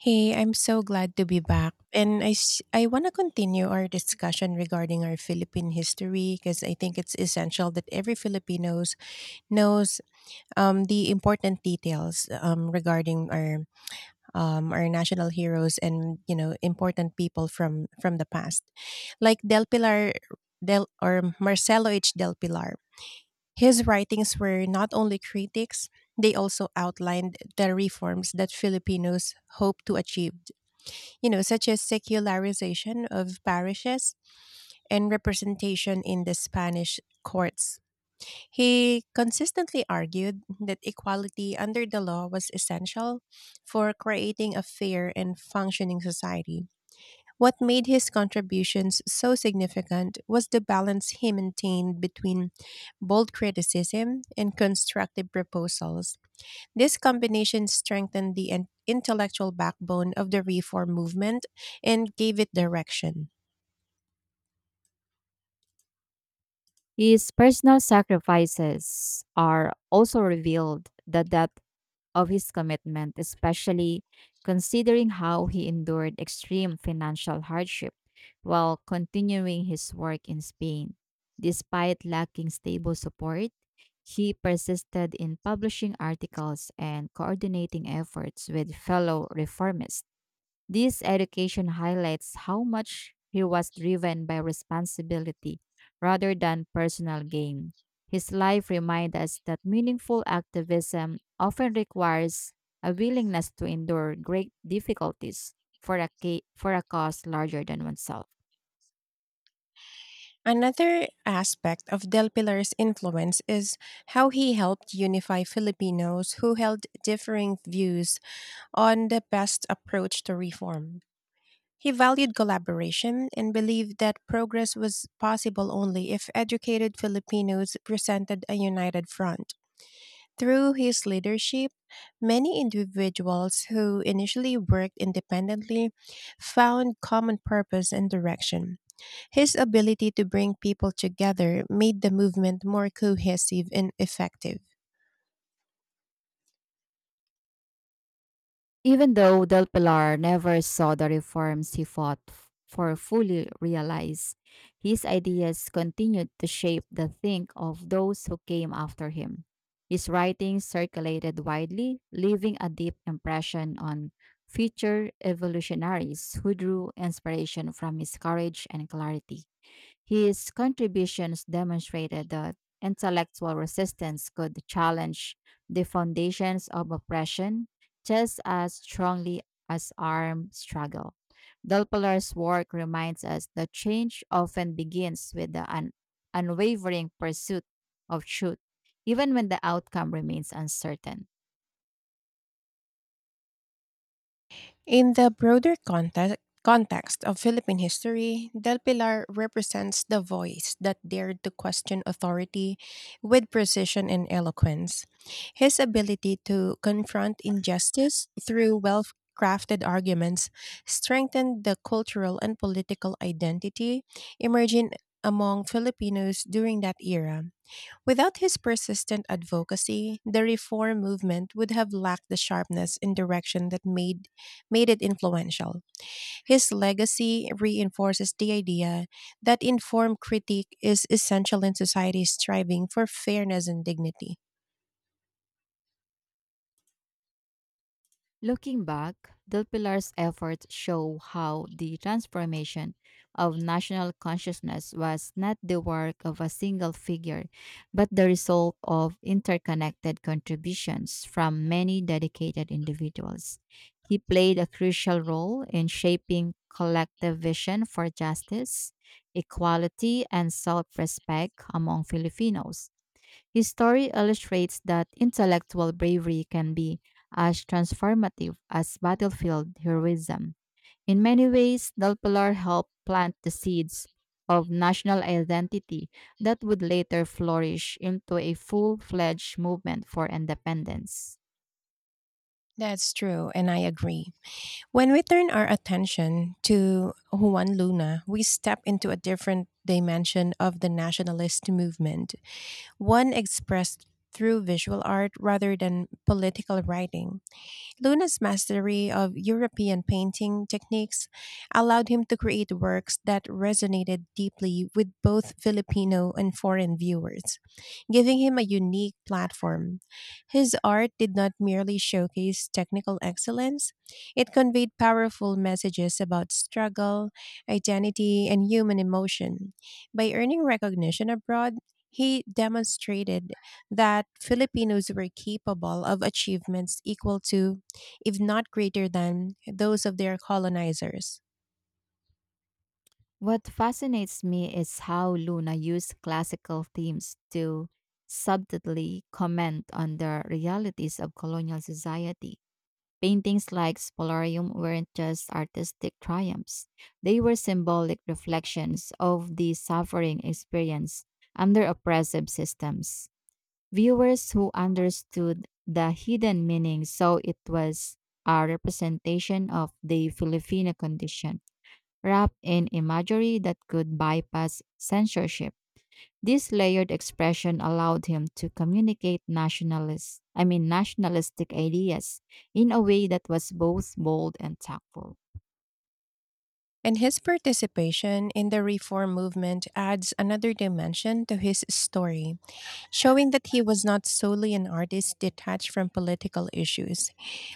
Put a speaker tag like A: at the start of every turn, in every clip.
A: Hey, I'm so glad to be back. I want to continue our discussion regarding our Philippine history, because I think it's essential that every Filipinos knows the important details, regarding our national heroes and important people from the past, like Del Pilar Del or Marcelo H. Del Pilar. His writings were not only critics; they also outlined the reforms that Filipinos hope to achieve, such as secularization of parishes and representation in the Spanish courts. He consistently argued that equality under the law was essential for creating a fair and functioning society. What made his contributions so significant was the balance he maintained between bold criticism and constructive proposals. This combination strengthened the intellectual backbone of the reform movement and gave it direction.
B: His personal sacrifices are also revealed the depth of his commitment, especially considering how he endured extreme financial hardship while continuing his work in Spain. Despite lacking stable support, he persisted in publishing articles and coordinating efforts with fellow reformists. This education highlights how much he was driven by responsibility rather than personal gain. His life reminds us that meaningful activism often requires a willingness to endure great difficulties for a cause larger than oneself.
A: Another aspect of Del Pilar's influence is how he helped unify Filipinos who held differing views on the best approach to reform. He valued collaboration and believed that progress was possible only if educated Filipinos presented a united front. Through his leadership, many individuals who initially worked independently found common purpose and direction. His ability to bring people together made the movement more cohesive and effective.
B: Even though Del Pilar never saw the reforms he for fully realize, his ideas continued to shape the think of those who came after him. His writings circulated widely, leaving a deep impression on future evolutionaries who drew inspiration from his courage and clarity. His contributions demonstrated that intellectual resistance could challenge the foundations of oppression just as strongly as armed struggle. Delpola's work reminds us that change often begins with the unwavering pursuit of truth, even when the outcome remains uncertain.
A: In the broader context of Philippine history, Del Pilar represents the voice that dared to question authority with precision and eloquence. His ability to confront injustice through well crafted arguments strengthened the cultural and political identity emerging among Filipinos during that era. Without his persistent advocacy, the reform movement would have lacked the sharpness and direction that made it influential. His legacy reinforces the idea that informed critique is essential in society striving for fairness and dignity.
B: Looking back, Del Pilar's efforts show how the transformation of national consciousness was not the work of a single figure, but the result of interconnected contributions from many dedicated individuals. He played a crucial role in shaping collective vision for justice, equality, and self respect among Filipinos. His story illustrates that intellectual bravery can be as transformative as battlefield heroism. In many ways, Del Pilar helped plant the seeds of national identity that would later flourish into a full fledged movement for independence.
A: That's true, and I agree. When we turn our attention to Juan Luna, we step into a different dimension of the nationalist movement, one expressed through visual art rather than political writing. Luna's mastery of European painting techniques allowed him to create works that resonated deeply with both Filipino and foreign viewers, giving him a unique platform. His art did not merely showcase technical excellence; it conveyed powerful messages about struggle, identity, and human emotion. By earning recognition abroad, he demonstrated that Filipinos were capable of achievements equal to, if not greater than, those of their colonizers.
B: What fascinates me is how Luna used classical themes to subtly comment on the realities of colonial society. Paintings like Spolarium weren't just artistic triumphs, they were symbolic reflections of the suffering experienced under oppressive systems. Viewers who understood the hidden meaning saw it was a representation of the Filipino condition, wrapped in imagery that could bypass censorship. This layered expression allowed him to communicate nationalistic ideas in a way that was both bold and tactful.
A: And his participation in the reform movement adds another dimension to his story, showing that he was not solely an artist detached from political issues.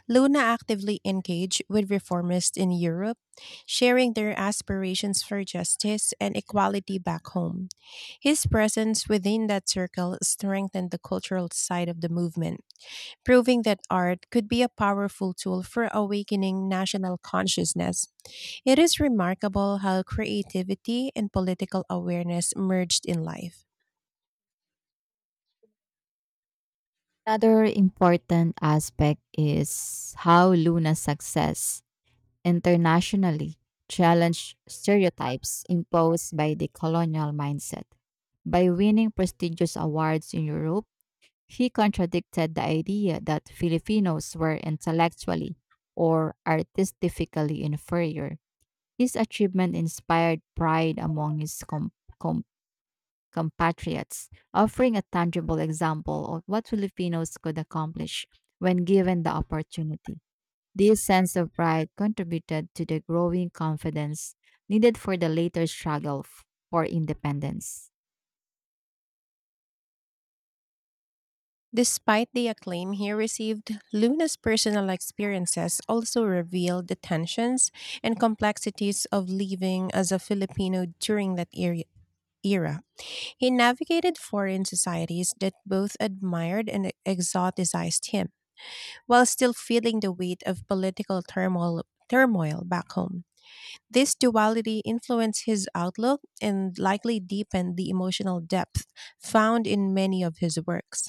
A: Luna actively engaged with reformists in Europe, sharing their aspirations for justice and equality back home. His presence within that circle strengthened the cultural side of the movement, proving that art could be a powerful tool for awakening national consciousness. It is remarkable how creativity and political awareness merged in life.
B: Another important aspect is how Luna's success internationally challenged stereotypes imposed by the colonial mindset. By winning prestigious awards in Europe, he contradicted the idea that Filipinos were intellectually or artistically inferior. This achievement inspired pride among his com- compatriots, offering a tangible example of what Filipinos could accomplish when given the opportunity. This sense of pride contributed to the growing confidence needed for the later for independence.
A: Despite the acclaim he received, Luna's personal experiences also revealed the tensions and complexities of living as a Filipino during that era. He navigated foreign societies that both admired and exoticized him, while still feeling the weight of political turmoil back home. This duality influenced his outlook and likely deepened the emotional depth found in many of his works.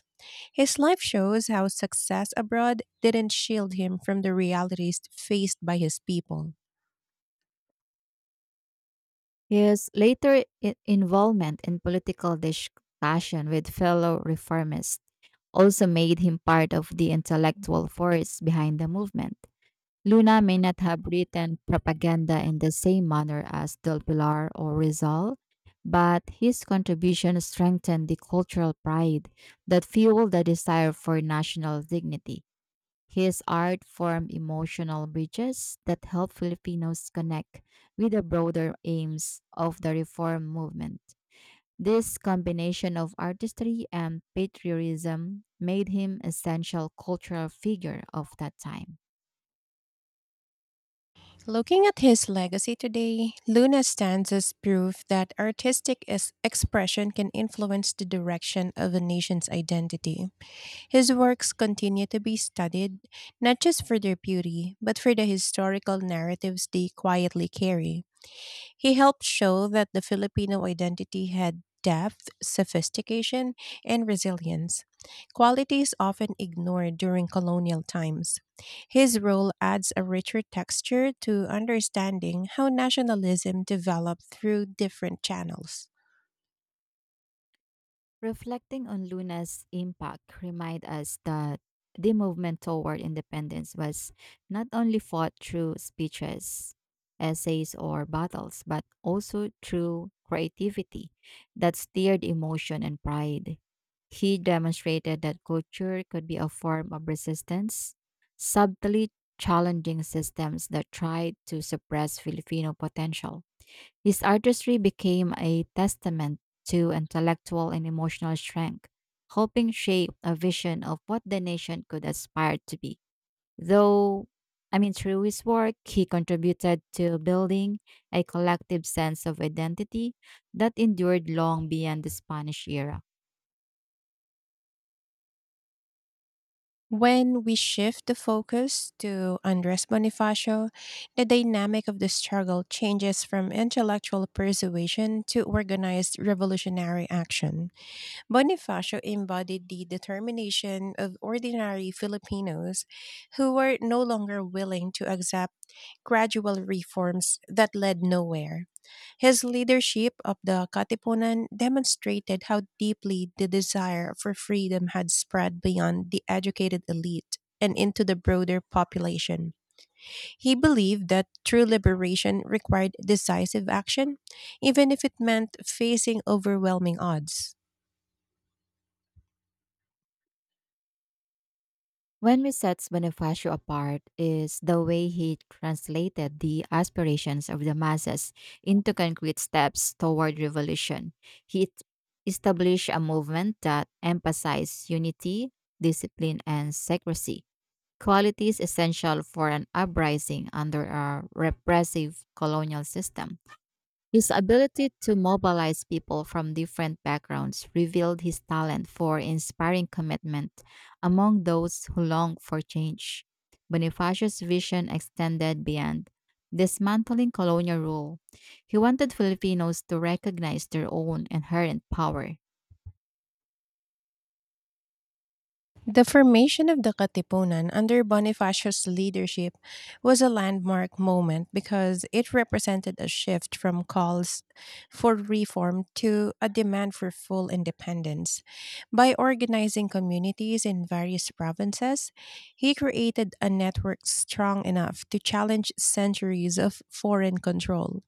A: His life shows how success abroad didn't shield him from the realities faced by his people.
B: His later involvement in political discussion with fellow reformists also made him part of the intellectual force behind the movement. Luna may not have written propaganda in the same manner as Del Pilar or Rizal, but his contribution strengthened the cultural pride that fueled the desire for national dignity. His art formed emotional bridges that helped Filipinos connect with the broader aims of the reform movement. This combination of artistry and patriotism made him essential cultural figure of that time.
A: Looking at his legacy today, Luna stands as proof that artistic expression can influence the direction of a nation's identity. His works continue to be studied, not just for their beauty, but for the historical narratives they quietly carry. He helped show that the Filipino identity had depth, sophistication, and resilience, qualities often ignored during colonial times. His role adds a richer texture to understanding how nationalism developed through different channels.
B: Reflecting on Luna's impact remind us that the movement toward independence was not only fought through speeches, essays, or battles, but also through creativity that stirred emotion and pride. He demonstrated that culture could be a form of resistance, subtly challenging systems that tried to suppress Filipino potential. His artistry became a testament to intellectual and emotional strength, helping shape a vision of what the nation could aspire to be. Though, Through his work, he contributed to building a collective sense of identity that endured long beyond the Spanish era.
A: When we shift the focus to Andres Bonifacio, the dynamic of the struggle changes from intellectual persuasion to organized revolutionary action. Bonifacio embodied the determination of ordinary Filipinos who were no longer willing to accept gradual reforms that led nowhere. His leadership of the Katipunan demonstrated how deeply the desire for freedom had spread beyond the educated elite and into the broader population. He believed that true liberation required decisive action, even if it meant facing overwhelming odds.
B: When we sets Bonifacio apart is the way he translated the aspirations of the masses into concrete steps toward revolution. He t- established a movement that emphasized unity, discipline, and secrecy, qualities essential for an uprising under a repressive colonial system. His ability to mobilize people from different backgrounds revealed his talent for inspiring commitment among those who long for change. Bonifacio's vision extended beyond dismantling colonial rule. He wanted Filipinos to recognize their own inherent power.
A: The formation of the Katipunan under Bonifacio's leadership was a landmark moment, because it represented a shift from calls for reform to a demand for full independence. By organizing communities in various provinces, he created a network strong enough to challenge centuries of foreign control.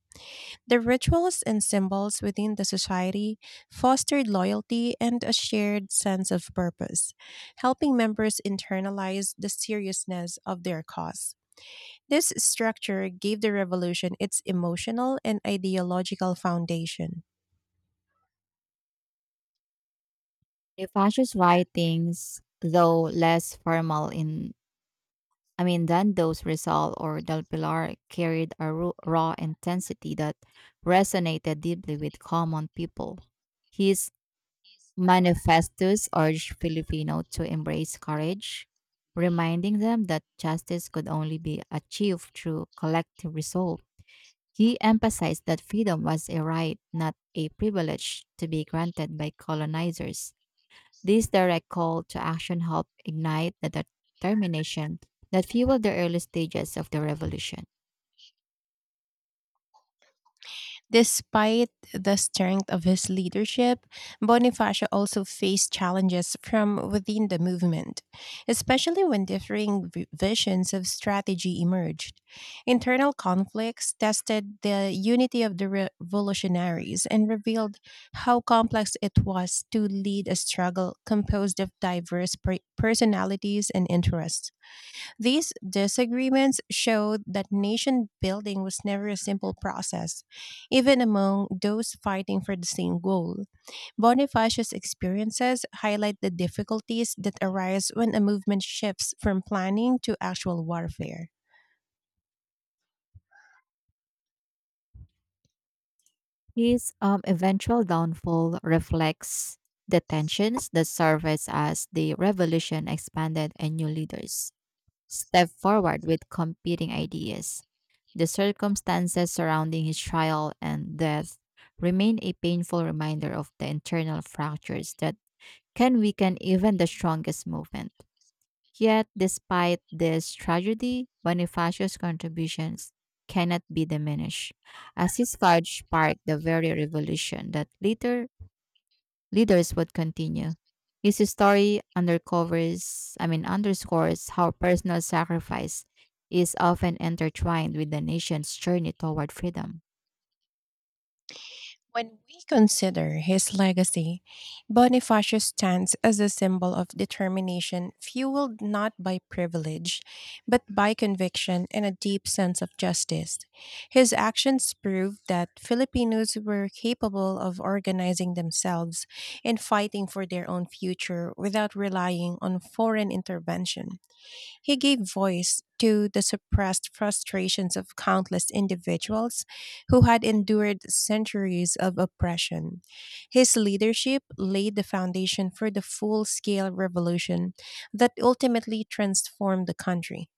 A: The rituals and symbols within the society fostered loyalty and a shared sense of purpose, helping members internalize the seriousness of their cause. This structure gave the revolution its emotional and ideological foundation.
B: Prefacious writings, though less formal in I mean than those Rizal or Del Pilar, carried a raw intensity that resonated deeply with common people. His manifestos urged Filipino to embrace courage, reminding them that justice could only be achieved through collective resolve. He emphasized that freedom was a right, not a privilege, to be granted by colonizers. This direct call to action helped ignite the determination that fueled the early stages of the revolution.
A: Despite the strength of his leadership, Bonifacio also faced challenges from within the movement, especially when differing visions of strategy emerged. Internal conflicts tested the unity of the revolutionaries and revealed how complex it was to lead a struggle composed of diverse personalities and interests. These disagreements showed that nation building was never a simple process, even among those fighting for the same goal. Bonifacius' experiences highlight the difficulties that arise when a movement shifts from planning to actual warfare.
B: His eventual downfall reflects the tensions that surfaced as the revolution expanded and new leaders stepped forward with competing ideas. The circumstances surrounding his trial and death remain a painful reminder of the internal fractures that can weaken even the strongest movement. Yet, despite this tragedy, Bonifacio's contributions cannot be diminished, as his courage sparked the very revolution that later leaders would continue. His story underscores how personal sacrifice is often intertwined with the nation's journey toward freedom.
A: When we consider his legacy, Bonifacius stands as a symbol of determination fueled not by privilege, but by conviction and a deep sense of justice. His actions prove that Filipinos were capable of organizing themselves and fighting for their own future without relying on foreign intervention. He gave voice to the suppressed frustrations of countless individuals who had endured centuries of oppression. His leadership laid the foundation for the full scale revolution that ultimately transformed the country.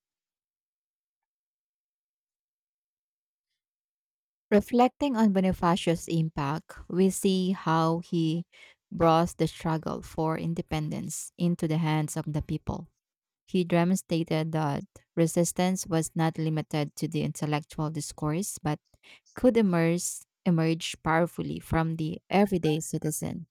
B: Reflecting on Bonifacio's impact, we see how he brought the struggle for independence into the hands of the people. He demonstrated that resistance was not limited to the intellectual discourse, but could emerge powerfully from the everyday citizen.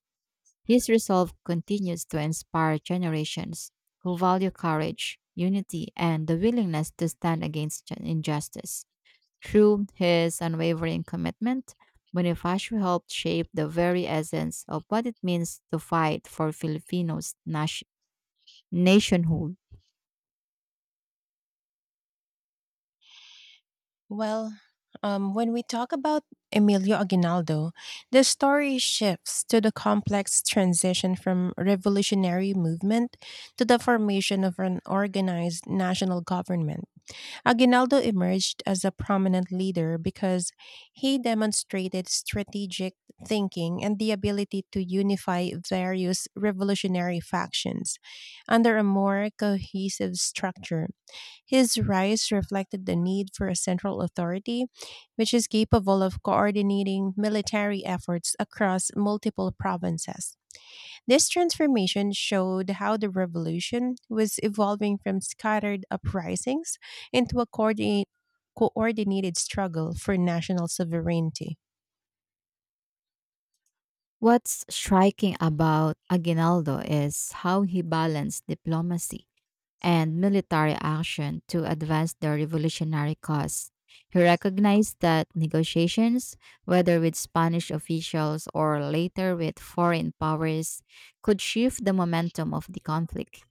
B: His resolve continues to inspire generations who value courage, unity, and the willingness to stand against injustice. Through his unwavering commitment, Bonifacio helped shape the very essence of what it means to fight for Filipinos' nationhood.
A: Well, when we talk about Emilio Aguinaldo, the story shifts to the complex transition from revolutionary movement to the formation of an organized national government. Aguinaldo emerged as a prominent leader because he demonstrated strategic thinking and the ability to unify various revolutionary factions under a more cohesive structure. His rise reflected the need for a central authority which is capable of coordinating military efforts across multiple provinces. This transformation showed how the revolution was evolving from scattered uprisings into a coordinated struggle for national sovereignty.
B: What's striking about Aguinaldo is how he balanced diplomacy and military action to advance the revolutionary cause. He recognized that negotiations, whether with Spanish officials or later with foreign powers, could shift the momentum of the conflict.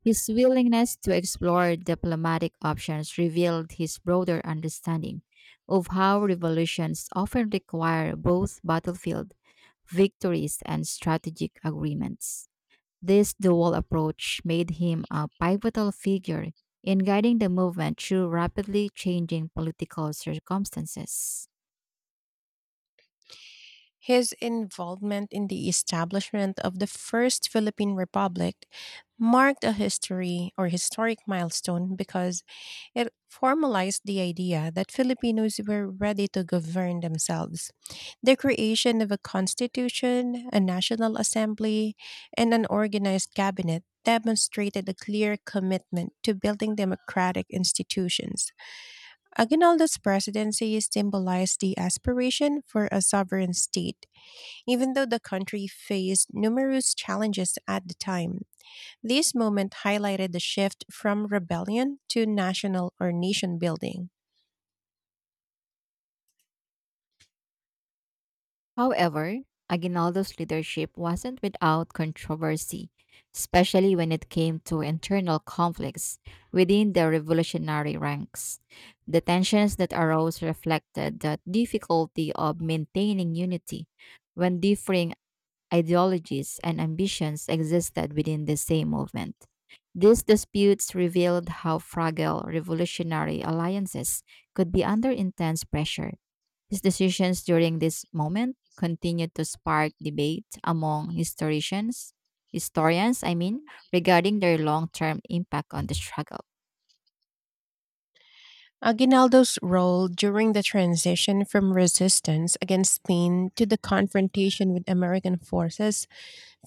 B: His willingness to explore diplomatic options revealed his broader understanding of how revolutions often require both battlefield victories and strategic agreements. This dual approach made him a pivotal figure in guiding the movement through rapidly changing political circumstances.
A: His involvement in the establishment of the first Philippine Republic marked a history or historic milestone, because it formalized the idea that Filipinos were ready to govern themselves. The creation of a constitution, a national assembly, and an organized cabinet demonstrated a clear commitment to building democratic institutions. Aguinaldo's presidency symbolized the aspiration for a sovereign state. Even though the country faced numerous challenges at the time, this moment highlighted the shift from rebellion to nation building.
B: However, Aguinaldo's leadership wasn't without controversy, especially when it came to internal conflicts within the revolutionary ranks. The tensions that arose reflected the difficulty of maintaining unity when differing ideologies, and ambitions existed within the same movement. These disputes revealed how fragile revolutionary alliances could be under intense pressure. His decisions during this moment continued to spark debate among historians, regarding their long-term impact on the struggle.
A: Aguinaldo's role during the transition from resistance against Spain to the confrontation with American forces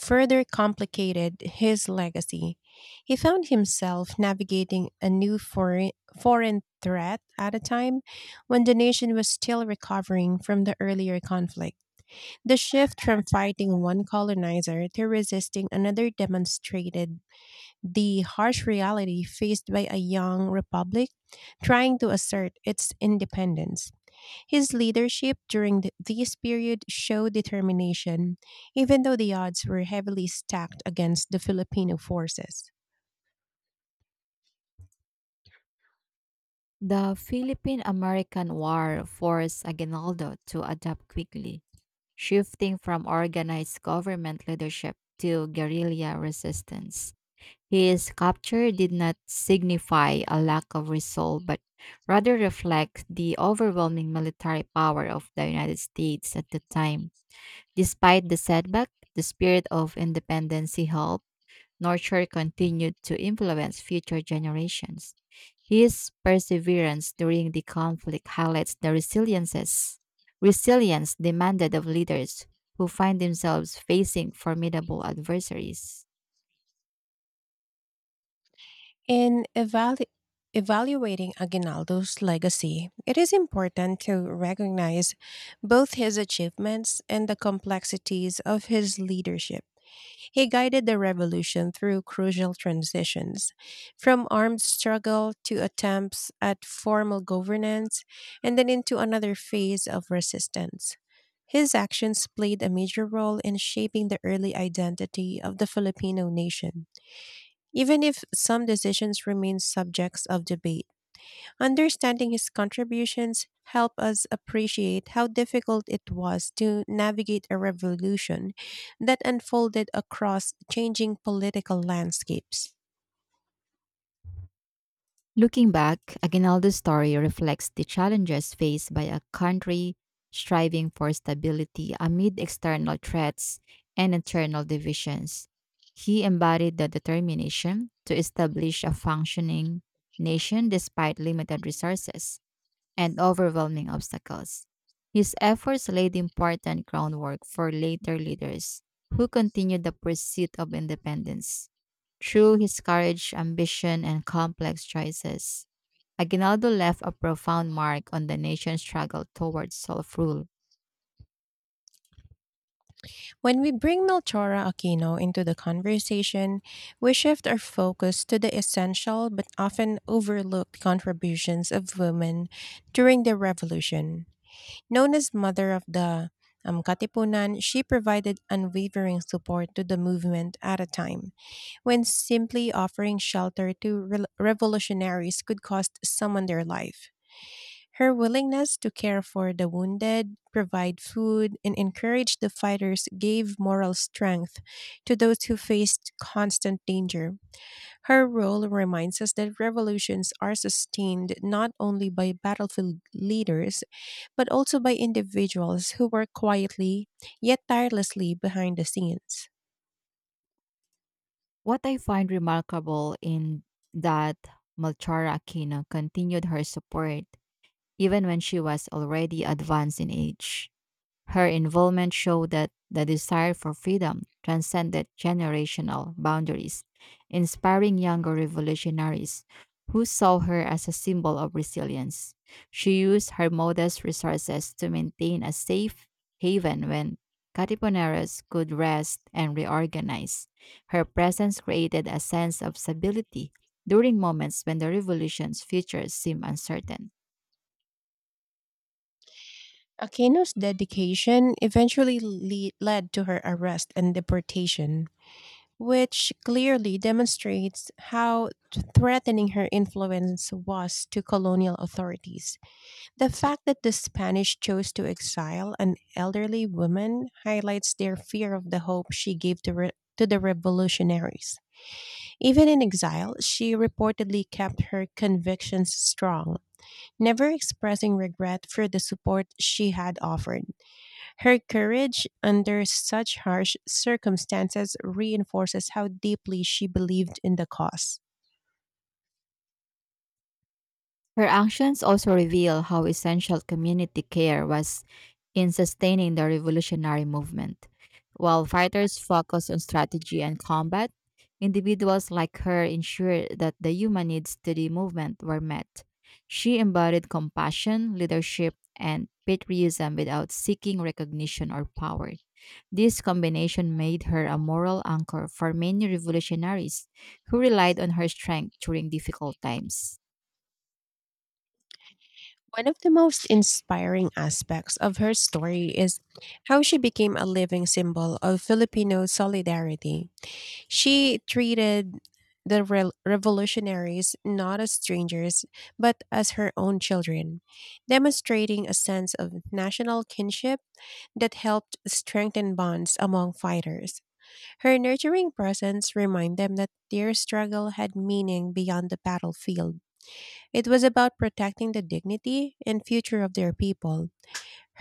A: further complicated his legacy. He found himself navigating a new foreign threat at a time when the nation was still recovering from the earlier conflict. The shift from fighting one colonizer to resisting another demonstrated the harsh reality faced by a young republic trying to assert its independence. His leadership during this period showed determination, even though the odds were heavily stacked against the Filipino forces.
B: The Philippine American War forced Aguinaldo to adapt quickly, shifting from organized government leadership to guerrilla resistance. His capture did not signify a lack of resolve, but rather reflects the overwhelming military power of the United States at the time. Despite the setback, the spirit of independence he held nurture continued to influence future generations. His perseverance during the conflict highlights the resilience demanded of leaders who find themselves facing formidable adversaries.
A: In evaluating Aguinaldo's legacy, it is important to recognize both his achievements and the complexities of his leadership. He guided the revolution through crucial transitions, from armed struggle to attempts at formal governance, and then into another phase of resistance. His actions played a major role in shaping the early identity of the Filipino nation. Even if some decisions remain subjects of debate, understanding his contributions help us appreciate how difficult it was to navigate a revolution that unfolded across changing political landscapes.
B: Looking back, Aguinaldo's story reflects the challenges faced by a country striving for stability amid external threats and internal divisions. He embodied the determination to establish a functioning nation despite limited resources and overwhelming obstacles. His efforts laid important groundwork for later leaders who continued the pursuit of independence. Through his courage, ambition, and complex choices, Aguinaldo left a profound mark on the nation's struggle towards self rule.
A: When we bring Melchora Aquino into the conversation, we shift our focus to the essential but often overlooked contributions of women during the revolution. Known as Mother of the Katipunan, she provided unwavering support to the movement at a time when simply offering shelter to revolutionaries could cost someone their life. Her willingness to care for the wounded, provide food, and encourage the fighters gave moral strength to those who faced constant danger. Her role reminds us that revolutions are sustained not only by battlefield leaders, but also by individuals who work quietly yet tirelessly behind the scenes.
B: What I find remarkable in that Melchora Aquino continued her support even when she was already advanced in age. Her involvement showed that the desire for freedom transcended generational boundaries, inspiring younger revolutionaries who saw her as a symbol of resilience. She used her modest resources to maintain a safe haven when Katipuneros could rest and reorganize. Her presence created a sense of stability during moments when the revolution's future seemed uncertain.
A: Aquino's dedication eventually led to her arrest and deportation, which clearly demonstrates how threatening her influence was to colonial authorities. The fact that the Spanish chose to exile an elderly woman highlights their fear of the hope she gave to the revolutionaries. Even in exile, she reportedly kept her convictions strong, never expressing regret for the support she had offered. Her courage under such harsh circumstances reinforces how deeply she believed in the cause.
B: Her actions also reveal how essential community care was in sustaining the revolutionary movement. While fighters focused on strategy and combat, individuals like her ensured that the human needs to the movement were met. She embodied compassion, leadership, and patriotism without seeking recognition or power. This combination made her a moral anchor for many revolutionaries who relied on her strength during difficult times.
A: One of the most inspiring aspects of her story is how she became a living symbol of Filipino solidarity. She treated the rel revolutionaries not as strangers, but as her own children, demonstrating a sense of national kinship that helped strengthen bonds among fighters. Her nurturing presence reminded them that their struggle had meaning beyond the battlefield. It was about protecting the dignity and future of their people.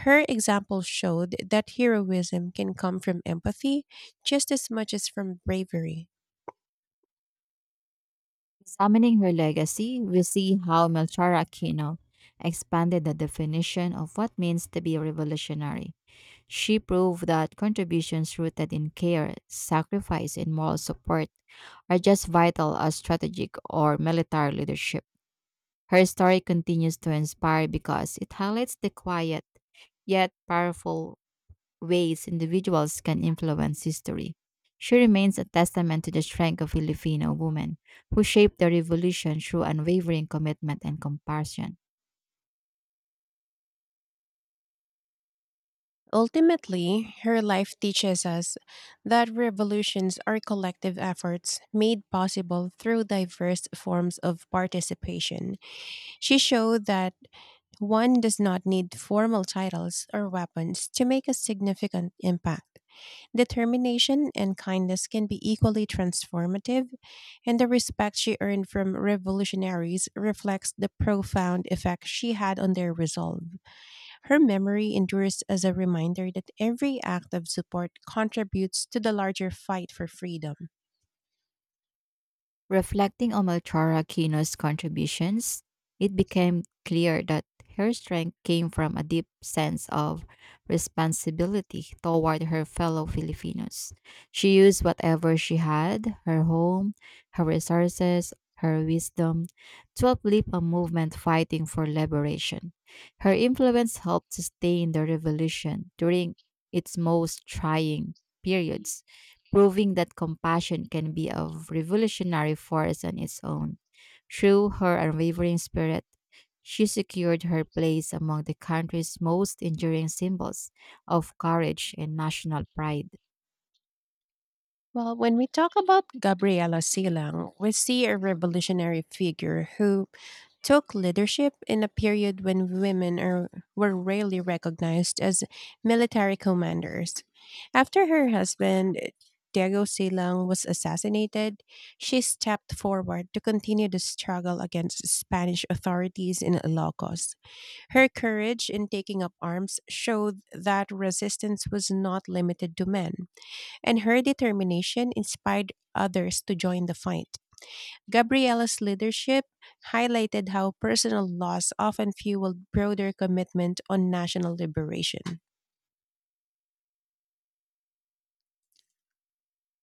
A: Her example showed that heroism can come from empathy just as much as from bravery.
B: Examining her legacy, we see how Melchora Aquino expanded the definition of what means to be revolutionary. She proved that contributions rooted in care, sacrifice, and moral support are just vital as strategic or military leadership. Her story continues to inspire because it highlights the quiet yet powerful ways individuals can influence history. She remains a testament to the strength of Filipino women who shaped the revolution through unwavering commitment and compassion.
A: Ultimately, her life teaches us that revolutions are collective efforts made possible through diverse forms of participation. She showed that one does not need formal titles or weapons to make a significant impact. Determination and kindness can be equally transformative, and the respect she earned from revolutionaries reflects the profound effect she had on their resolve. Her memory endures as a reminder that every act of support contributes to the larger fight for freedom.
B: Reflecting on Melchora Kino's contributions, it became clear that her strength came from a deep sense of responsibility toward her fellow Filipinos. She used whatever she had, her home, her resources, her wisdom, to uplift a movement fighting for liberation. Her influence helped sustain the revolution during its most trying periods, proving that compassion can be a revolutionary force on its own. Through her unwavering spirit, she secured her place among the country's most enduring symbols of courage and national pride.
A: Well, when we talk about Gabriela Silang, we see a revolutionary figure who took leadership in a period when were rarely recognized as military commanders. After her husband, Diego Silang, was assassinated, she stepped forward to continue the struggle against Spanish authorities in Ilocos. Her courage in taking up arms showed that resistance was not limited to men, and her determination inspired others to join the fight. Gabriella's leadership highlighted how personal loss often fueled broader commitment on national liberation.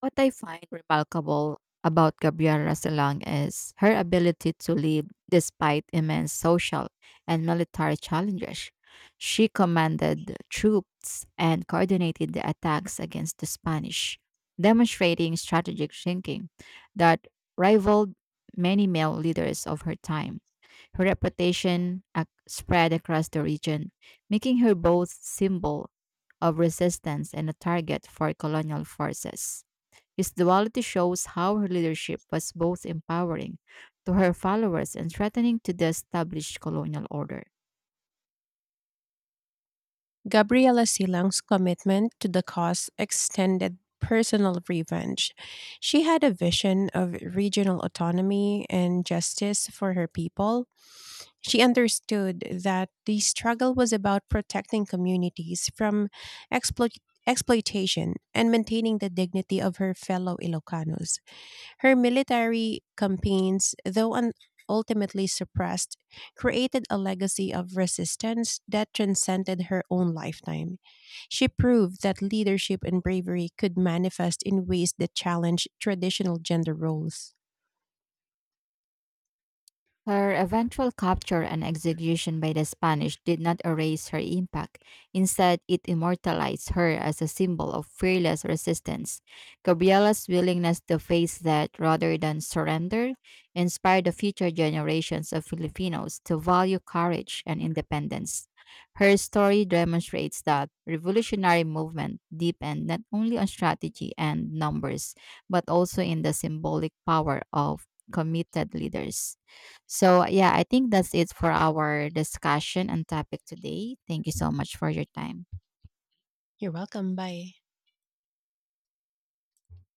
B: What I find remarkable about Gabriela Salang is her ability to live despite immense social and military challenges. She commanded troops and coordinated the attacks against the Spanish, demonstrating strategic thinking that rivaled many male leaders of her time. Her reputation spread across the region, making her both symbol of resistance and a target for colonial forces. His duality shows how her leadership was both empowering to her followers and threatening to the established colonial order.
A: Gabriela Silang's commitment to the cause extended personal revenge. She had a vision of regional autonomy and justice for her people. She understood that the struggle was about protecting communities from exploit- exploitation and maintaining the dignity of her fellow Ilocanos. Her military campaigns, though ultimately suppressed, created a legacy of resistance that transcended her own lifetime. She proved that leadership and bravery could manifest in ways that challenge traditional gender roles.
B: Her eventual capture and execution by the Spanish did not erase her impact. Instead, it immortalized her as a symbol of fearless resistance. Gabriela's willingness to face that rather than surrender inspired the future generations of Filipinos to value courage and independence. Her story demonstrates that revolutionary movement depend not only on strategy and numbers, but also in the symbolic power of committed leaders. So, yeah, I think that's it for our discussion and topic today. Thank you so much for your time.
A: You're welcome. Bye.